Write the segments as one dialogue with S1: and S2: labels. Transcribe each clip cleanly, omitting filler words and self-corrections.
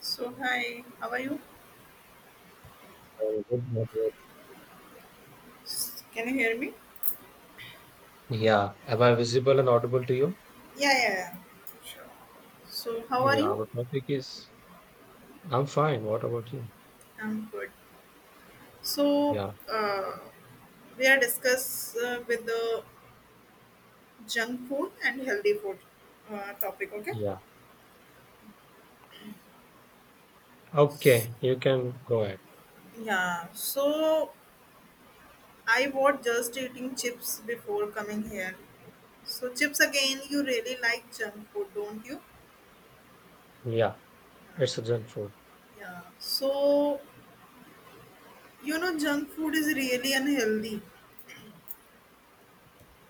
S1: So hi, how are you?
S2: I'm good, not bad.
S1: S- Can you hear me?
S2: Yeah. Am I visible and audible to you?
S1: Yeah, yeah, yeah. So how are
S2: Yeah.
S1: you?
S2: Our topic is I'm fine. What about you?
S1: I'm good. So
S2: Yeah.
S1: uh, we are discuss with the junk food and healthy food topic. Okay.
S2: Yeah. Okay. You can go ahead.
S1: Yeah. So I was just eating chips before coming here. So chips again. You really like junk food, don't you?
S2: Yeah. It's a junk food.
S1: Yeah. So you know junk food is really unhealthy.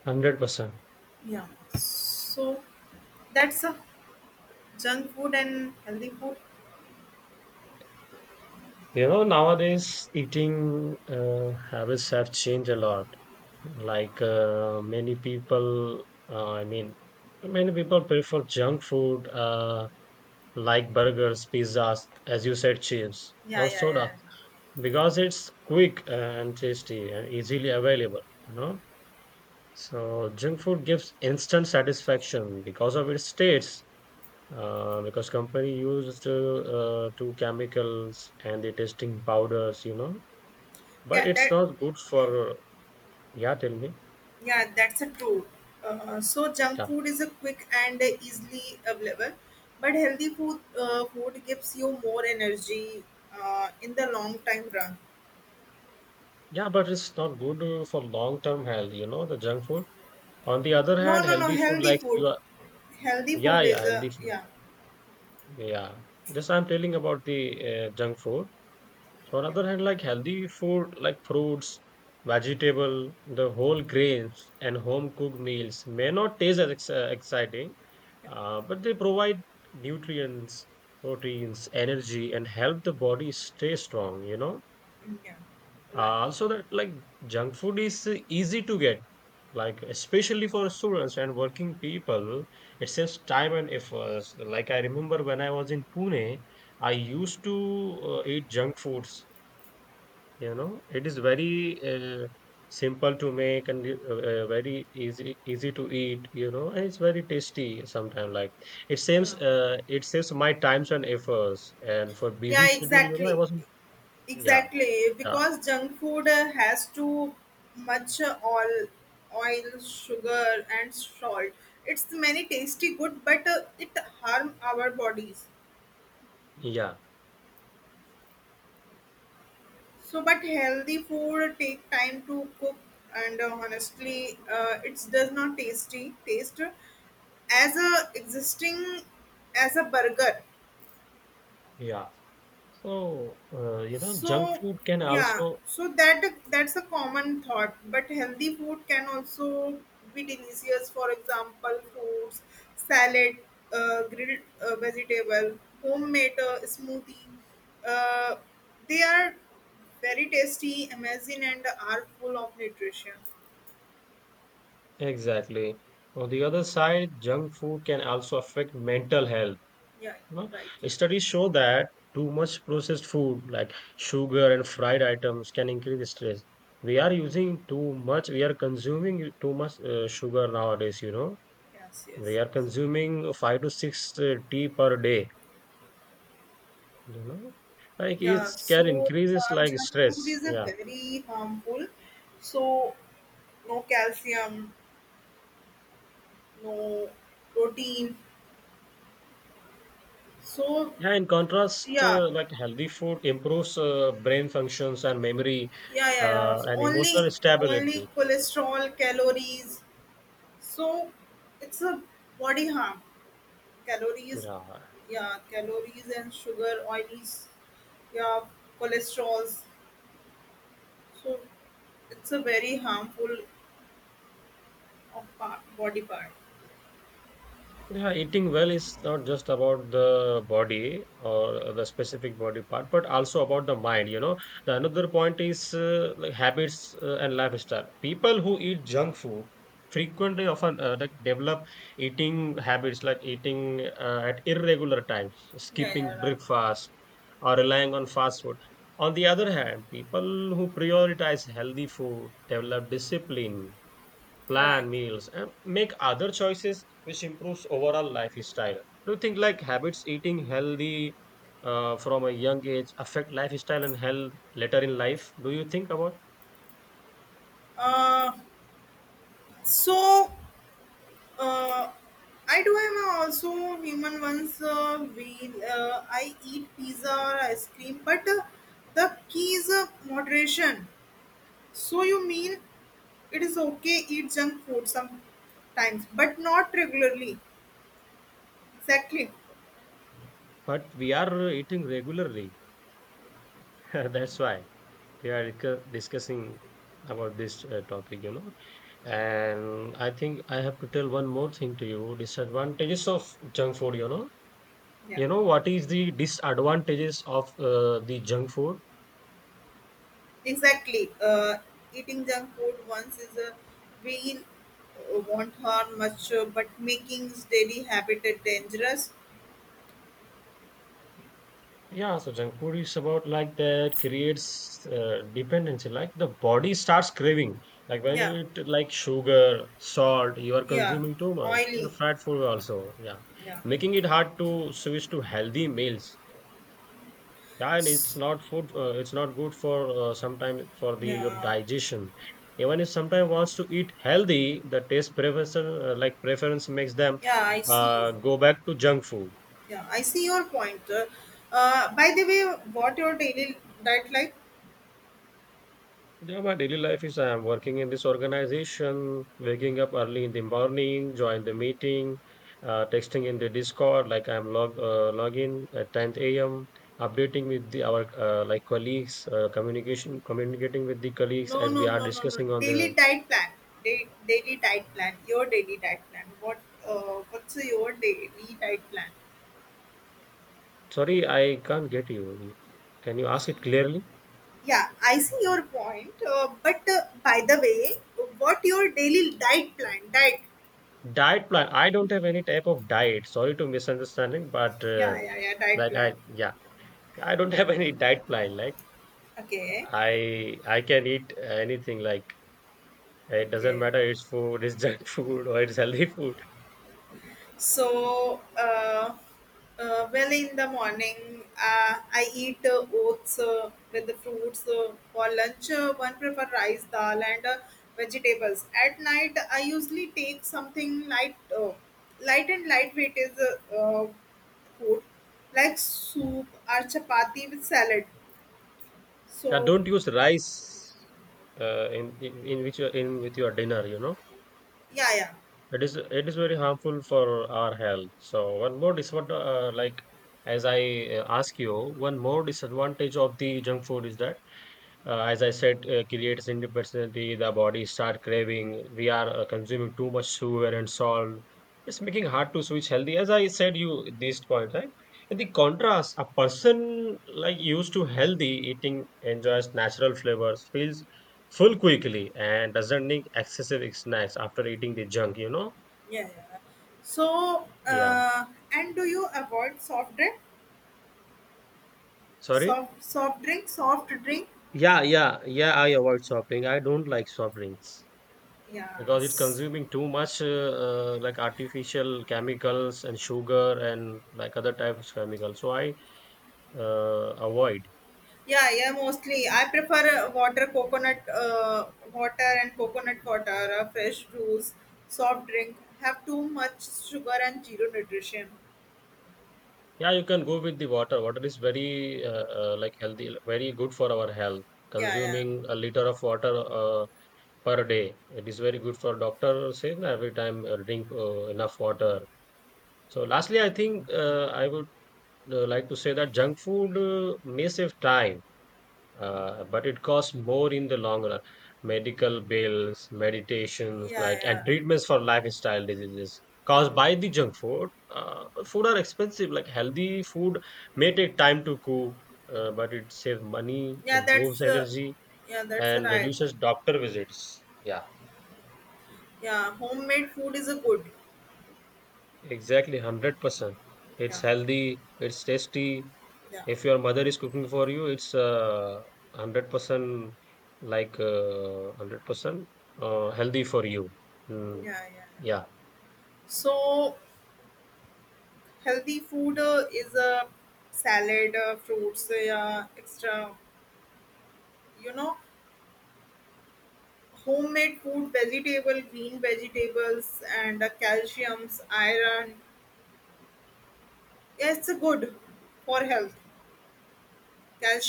S2: 100%.
S1: Yeah. So that's a Junk food and healthy food.
S2: You know, nowadays eating habits have changed a lot. Like many people, I mean, many people prefer junk food like burgers, pizzas, as you said, chips
S1: Yeah,
S2: or
S1: yeah,
S2: soda,
S1: yeah.
S2: because it's quick and tasty and easily available you know so junk food gives instant satisfaction because of its taste, because company used to chemicals and the tasting powders, but
S1: Yeah,
S2: it's
S1: that
S2: not good for yeah tell me
S1: Yeah, that's a true. So junk
S2: yeah.
S1: food is a quick and easily available, but healthy food food gives you more energy in the long time run.
S2: Yeah, but it's not good for long term health, you know, the junk food. On the other
S1: No,
S2: hand,
S1: no, no.
S2: healthy food like you are
S1: Healthy
S2: yeah
S1: food
S2: yeah
S1: is a
S2: healthy food
S1: yeah,
S2: yeah, just I'm telling about the junk food. So on
S1: yeah,
S2: other hand, like healthy food like fruits, vegetable, the whole grains, and home cooked meals may not taste as exciting, but they provide nutrients, proteins, energy, and help the body stay strong. You know,
S1: yeah. Right.
S2: also that like junk food is easy to get, like especially for students and working people, it saves time and efforts. Like I remember when I was in Pune, I used to eat junk foods, you know, it is very simple to make and very easy to eat, you know, and it's very tasty sometimes. Like
S1: Yeah.
S2: it saves my times and efforts. And for
S1: Yeah.
S2: busy schedule, you know, I
S1: Exactly.
S2: was yeah,
S1: Exactly,
S2: yeah,
S1: because junk food has too much oil, oil, sugar, and salt. It's many tasty good, but it harm our bodies.
S2: yeah,
S1: So, but healthy food take time to cook, and honestly, it does not tasty taste as a existing as a burger.
S2: yeah. So you know, junk
S1: So,
S2: food can
S1: yeah,
S2: also
S1: so that's a common thought, but healthy food can also be delicious. For example, fruits, salad, grilled vegetable, homemade smoothie. Uh, they are very tasty, amazing, and are full of nutrition.
S2: exactly. On the other side, junk food can also affect mental health.
S1: Yeah,
S2: You know,
S1: right.
S2: studies show that too much processed food, like sugar and fried items, can increase stress. We are consuming too much sugar nowadays, you know.
S1: Yes,
S2: We
S1: yes,
S2: are
S1: yes.
S2: consuming 5 to 6 tea per day, you know. Like it
S1: Yeah,
S2: can
S1: so
S2: increases like
S1: junk food
S2: stress.
S1: is a
S2: Yeah.
S1: very harmful. So no calcium, no protein. So
S2: Yeah, in contrast,
S1: yeah,
S2: like healthy food improves brain functions and memory
S1: yeah, yeah, yeah. So
S2: and
S1: only
S2: emotional
S1: only
S2: stability.
S1: cholesterol, calories. So it's a body harm. Calories,
S2: Yeah,
S1: yeah, calories and sugar, oilies, yeah, cholesterols. So it's a very harmful of part, body part.
S2: yeah, eating well is not just about the body or the specific body part, but also about the mind. You know, the another point is like habits and lifestyle. People who eat junk food frequently often like develop eating habits like eating at irregular times,
S1: Yeah,
S2: skipping
S1: yeah, right,
S2: breakfast, or relying on fast food. On the other hand, people who prioritize healthy food develop discipline,
S1: right.
S2: plan meals, and make other choices which improves overall lifestyle. Do you think like habits eating healthy from a young age affect lifestyle and health later in life? Do you think about?
S1: Uh, so Uh, I do am also human once we I eat pizza or ice cream, but the key is moderation. So you mean it is okay eat junk food sometimes, but not regularly. Exactly.
S2: But we are eating regularly. That's why we are discussing about this topic, you know. And I think I have to tell one more thing to you: disadvantages of junk food.
S1: Yeah.
S2: You know what is the disadvantages of the junk food?
S1: Exactly. Eating junk food once is a we won't harm much, but making daily habit dangerous.
S2: Yeah, so junk food is about like that creates dependency. Like the body starts craving. Like when
S1: Yeah.
S2: you eat like sugar, salt, you are
S1: Yeah.
S2: consuming too much. You know,
S1: Oily.
S2: fat food also. Yeah,
S1: Yeah.
S2: making it hard to switch to healthy meals. Yeah, and it's not food. It's not good for sometimes for the your
S1: Yeah,
S2: digestion. Even if sometimes wants to eat healthy, the taste preference like preference makes them
S1: yeah, I see.
S2: go back to junk food.
S1: Yeah, I see your point. By the way, what your daily diet like?
S2: Yeah, my daily life is I am working in this organization, waking up early in the morning, join the meeting, texting in the Discord, like I'm log in at 10 a.m., updating with the our like colleagues, communication communicating with the colleagues
S1: No,
S2: as
S1: no,
S2: we are
S1: no, no, no.
S2: discussing on
S1: Daily
S2: the.
S1: diet plan. Daily diet plan. Your daily diet plan. What? What's your daily diet plan?
S2: Sorry, I can't get you. Can you ask it clearly?
S1: Yeah, I see your point. But By the way, what your daily diet plan? Diet.
S2: Diet plan. I don't have any type of diet. Sorry to misunderstanding, but
S1: Yeah, yeah, yeah. Diet
S2: like I
S1: plan.
S2: yeah, I don't have any diet plan. Like.
S1: Okay.
S2: I can eat anything, like it doesn't
S1: Okay.
S2: matter it's food, it's junk food or it's healthy food.
S1: So, uh, well, in the morning, I eat oats with the fruits. For lunch, one prefer rice, dal, and vegetables. At night, I usually take something light, light and lightweight is uh, uh, food like soup or chapati with salad.
S2: I
S1: So,
S2: don't use rice in, in which in with your dinner, you know.
S1: yeah, yeah,
S2: It is very harmful for our health. So one more disadvantage, like as I ask you, one more disadvantage of the junk food is that as I said, creates individuality, the body start craving. We are consuming too much sugar and salt. It's making hard to switch healthy. As I said, you this point, right? In
S1: yeah,
S2: the contrast, a person like used to healthy eating enjoys natural flavors, feels full quickly, and doesn't need excessive snacks after eating the junk. You know?
S1: yeah. Yeah. So,
S2: Yeah.
S1: and do you avoid soft drink?
S2: Sorry.
S1: Soft, soft drink, soft drink.
S2: Yeah, yeah, yeah. I avoid soft drink. I don't like soft drinks. Because it's
S1: Yes.
S2: consuming too much like artificial chemicals and sugar and like other types of chemicals. So I avoid.
S1: Yeah, yeah, mostly. I prefer water, coconut water and coconut water, fresh juice, soft drink. Have too much sugar and zero nutrition.
S2: Yeah, you can go with the water. Water is very like healthy, very good for our health.
S1: Yeah, yeah.
S2: Consuming a liter of water per day, it is very good for doctor says na, every time drink enough water. So lastly, I think I would like to say that junk food may save time but it costs more in the long run. Medical bills, meditations,
S1: Yeah,
S2: like and
S1: yeah.
S2: treatments for lifestyle diseases
S1: Yeah,
S2: caused by the junk food. But food are expensive. Like healthy food may take time to cook, but it saves money,
S1: yeah
S2: improves
S1: that's
S2: energy,
S1: Yeah, that's
S2: and
S1: right.
S2: reduces doctor visits. Yeah,
S1: Yeah, homemade food is a good.
S2: exactly, 100%. It's
S1: Yeah,
S2: healthy. It's tasty.
S1: yeah,
S2: If your mother is cooking for you, it's 100% like 100% healthy for you. Mm,
S1: yeah, yeah.
S2: yeah.
S1: So healthy food is a salad, fruits, yeah, extra. You know, homemade food, vegetable, green vegetables, and calciums, iron. Yeah, it's good for health.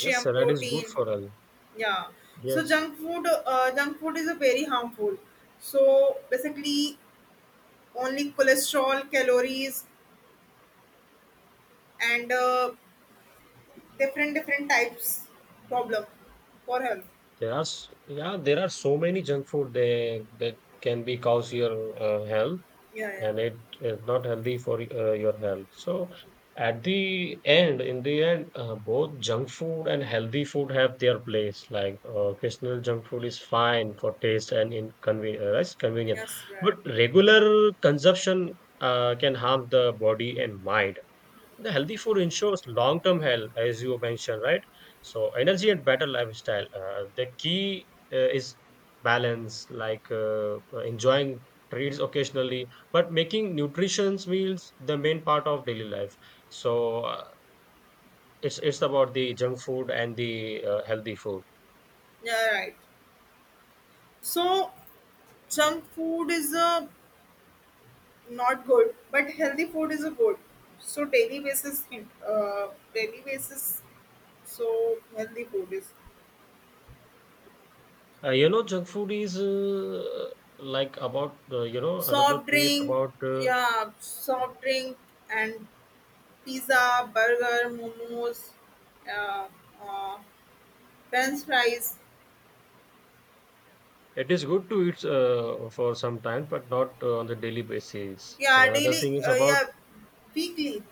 S2: Yes, salad is good
S1: protein.
S2: for health.
S1: Yeah. So
S2: Yes,
S1: junk food is a very harmful. So basically, only cholesterol, calories, and different different types problem for health.
S2: yeah, there are so many junk food they that can be cause your health,
S1: Yeah, yeah.
S2: and it is not healthy for your health. So, at the end, in the end, both junk food and healthy food have their place. Like occasional junk food is fine for taste and in it's convenient,
S1: Yes,
S2: but
S1: right.
S2: regular consumption can harm the body and mind. The healthy food ensures long-term health, as you mentioned, right? So energy and better lifestyle. The key is balance, like enjoying treats occasionally, but making nutritious meals the main part of daily life. So it's about the junk food and the healthy food.
S1: Yeah, right. So junk food is a not good but healthy food is a good so uh, daily basis so healthy food is
S2: You know, junk food is like about you know another
S1: soft
S2: thing is
S1: drink
S2: about
S1: yeah soft drink and pizza burger momos uh, uh, french fries
S2: it is good to eat for some time, but not on the daily basis. And
S1: yeah
S2: another
S1: daily
S2: thing is
S1: yeah
S2: about
S1: weekly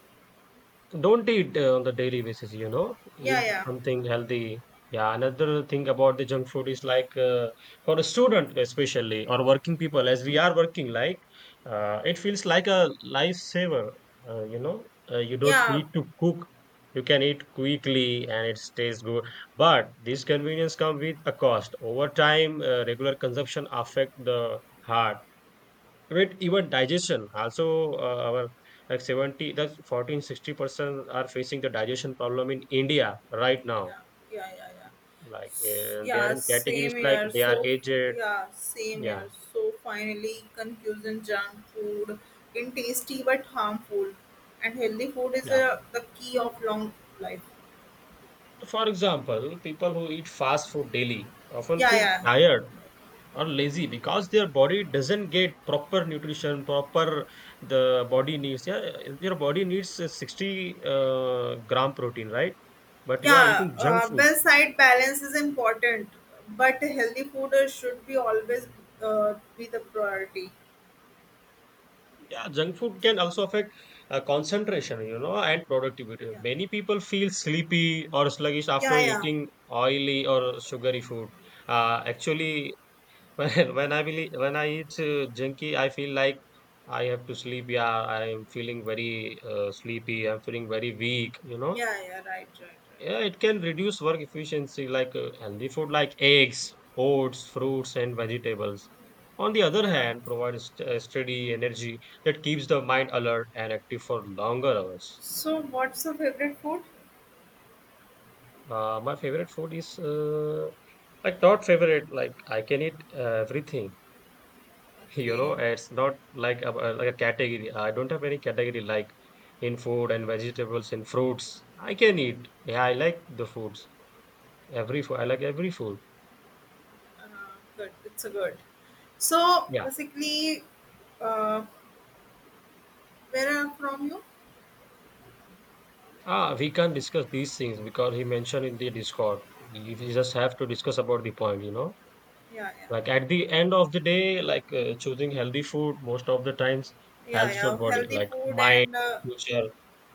S2: don't eat on the daily basis, you know.
S1: yeah
S2: Eat
S1: yeah
S2: something healthy. Yeah, another thing about the junk food is like for a student especially or working people, as we are working, like it feels like a lifesaver. You know, you don't
S1: yeah
S2: need to cook. You can eat quickly and it stays good. But this convenience comes with a cost. Over time, regular consumption affect the heart, I mean, even digestion also our like 70 that's 14-60% are facing the digestion problem in India right now,
S1: yeah yeah yeah, yeah.
S2: like they are
S1: Yeah,
S2: in categories
S1: same
S2: like
S1: here.
S2: they are
S1: So,
S2: aged
S1: yeah, same
S2: yeah
S1: here. So, finally, confusion junk food in tasty but harmful. And healthy food is
S2: yeah.
S1: the key of long life.
S2: So, for example, people who eat fast food daily often
S1: Yeah,
S2: feel
S1: yeah.
S2: tired or lazy because their body doesn't get proper nutrition proper the body needs yeah your body needs 60 gram protein right but you are
S1: Yeah,
S2: eating junk food.
S1: well, side balance is important, but healthy food should be always be the priority.
S2: Yeah, junk food can also affect concentration, you know, and productivity.
S1: Yeah,
S2: Many people feel sleepy or sluggish after
S1: yeah, yeah,
S2: eating oily or sugary food. Actually, when I really, when I eat junky, I feel like I have to sleep. Yeah, I am feeling very sleepy. I'm feeling very weak, you know.
S1: yeah, yeah, right, right, right.
S2: Yeah, it can reduce work efficiency like healthy food like eggs, oats, fruits, and vegetables. On the other
S1: Yeah.
S2: hand, provides steady energy that keeps the mind alert and active for longer hours.
S1: So, what's your favorite food?
S2: My favorite food is like not favorite, like I can eat everything. You know,
S1: Okay.
S2: it's not like like a category. I don't have any category like in food and vegetables and fruits. I can eat. Yeah, I like the foods. Every food, I like every food.
S1: Uh, good. It's a good. So basically, uh, where I'm from you?
S2: Ah, we can't discuss these things because he mentioned in the Discord. We just have to discuss about the point, you know.
S1: Yeah, yeah,
S2: Like at the end of the day, like choosing healthy food most of the times
S1: yeah,
S2: helps
S1: yeah.
S2: your body,
S1: Healthy
S2: like
S1: food
S2: mind,
S1: and
S2: future.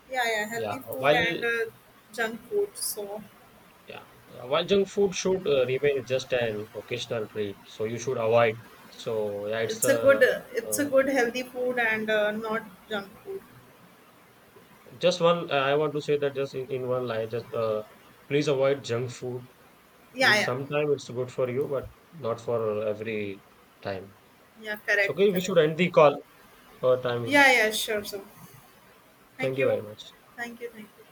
S1: yeah, yeah,
S2: Yeah.
S1: healthy food and
S2: While
S1: junk food. So
S2: yeah, while junk food should remain just an occasional treat, so you should avoid. So yeah, it's
S1: it's a good, it's
S2: uh,
S1: a good healthy food and not junk food.
S2: just one. I want to say that just in one line, just please avoid junk food.
S1: Yeah,
S2: It's
S1: yeah,
S2: sometime it's good for you, but not for every time.
S1: yeah.
S2: So,
S1: Correct,
S2: okay, we
S1: correct.
S2: should end the call. Our time
S1: Yeah, yeah.
S2: is.
S1: Sure. So thank
S2: Thank you
S1: you,
S2: very much.
S1: thank you, thank you.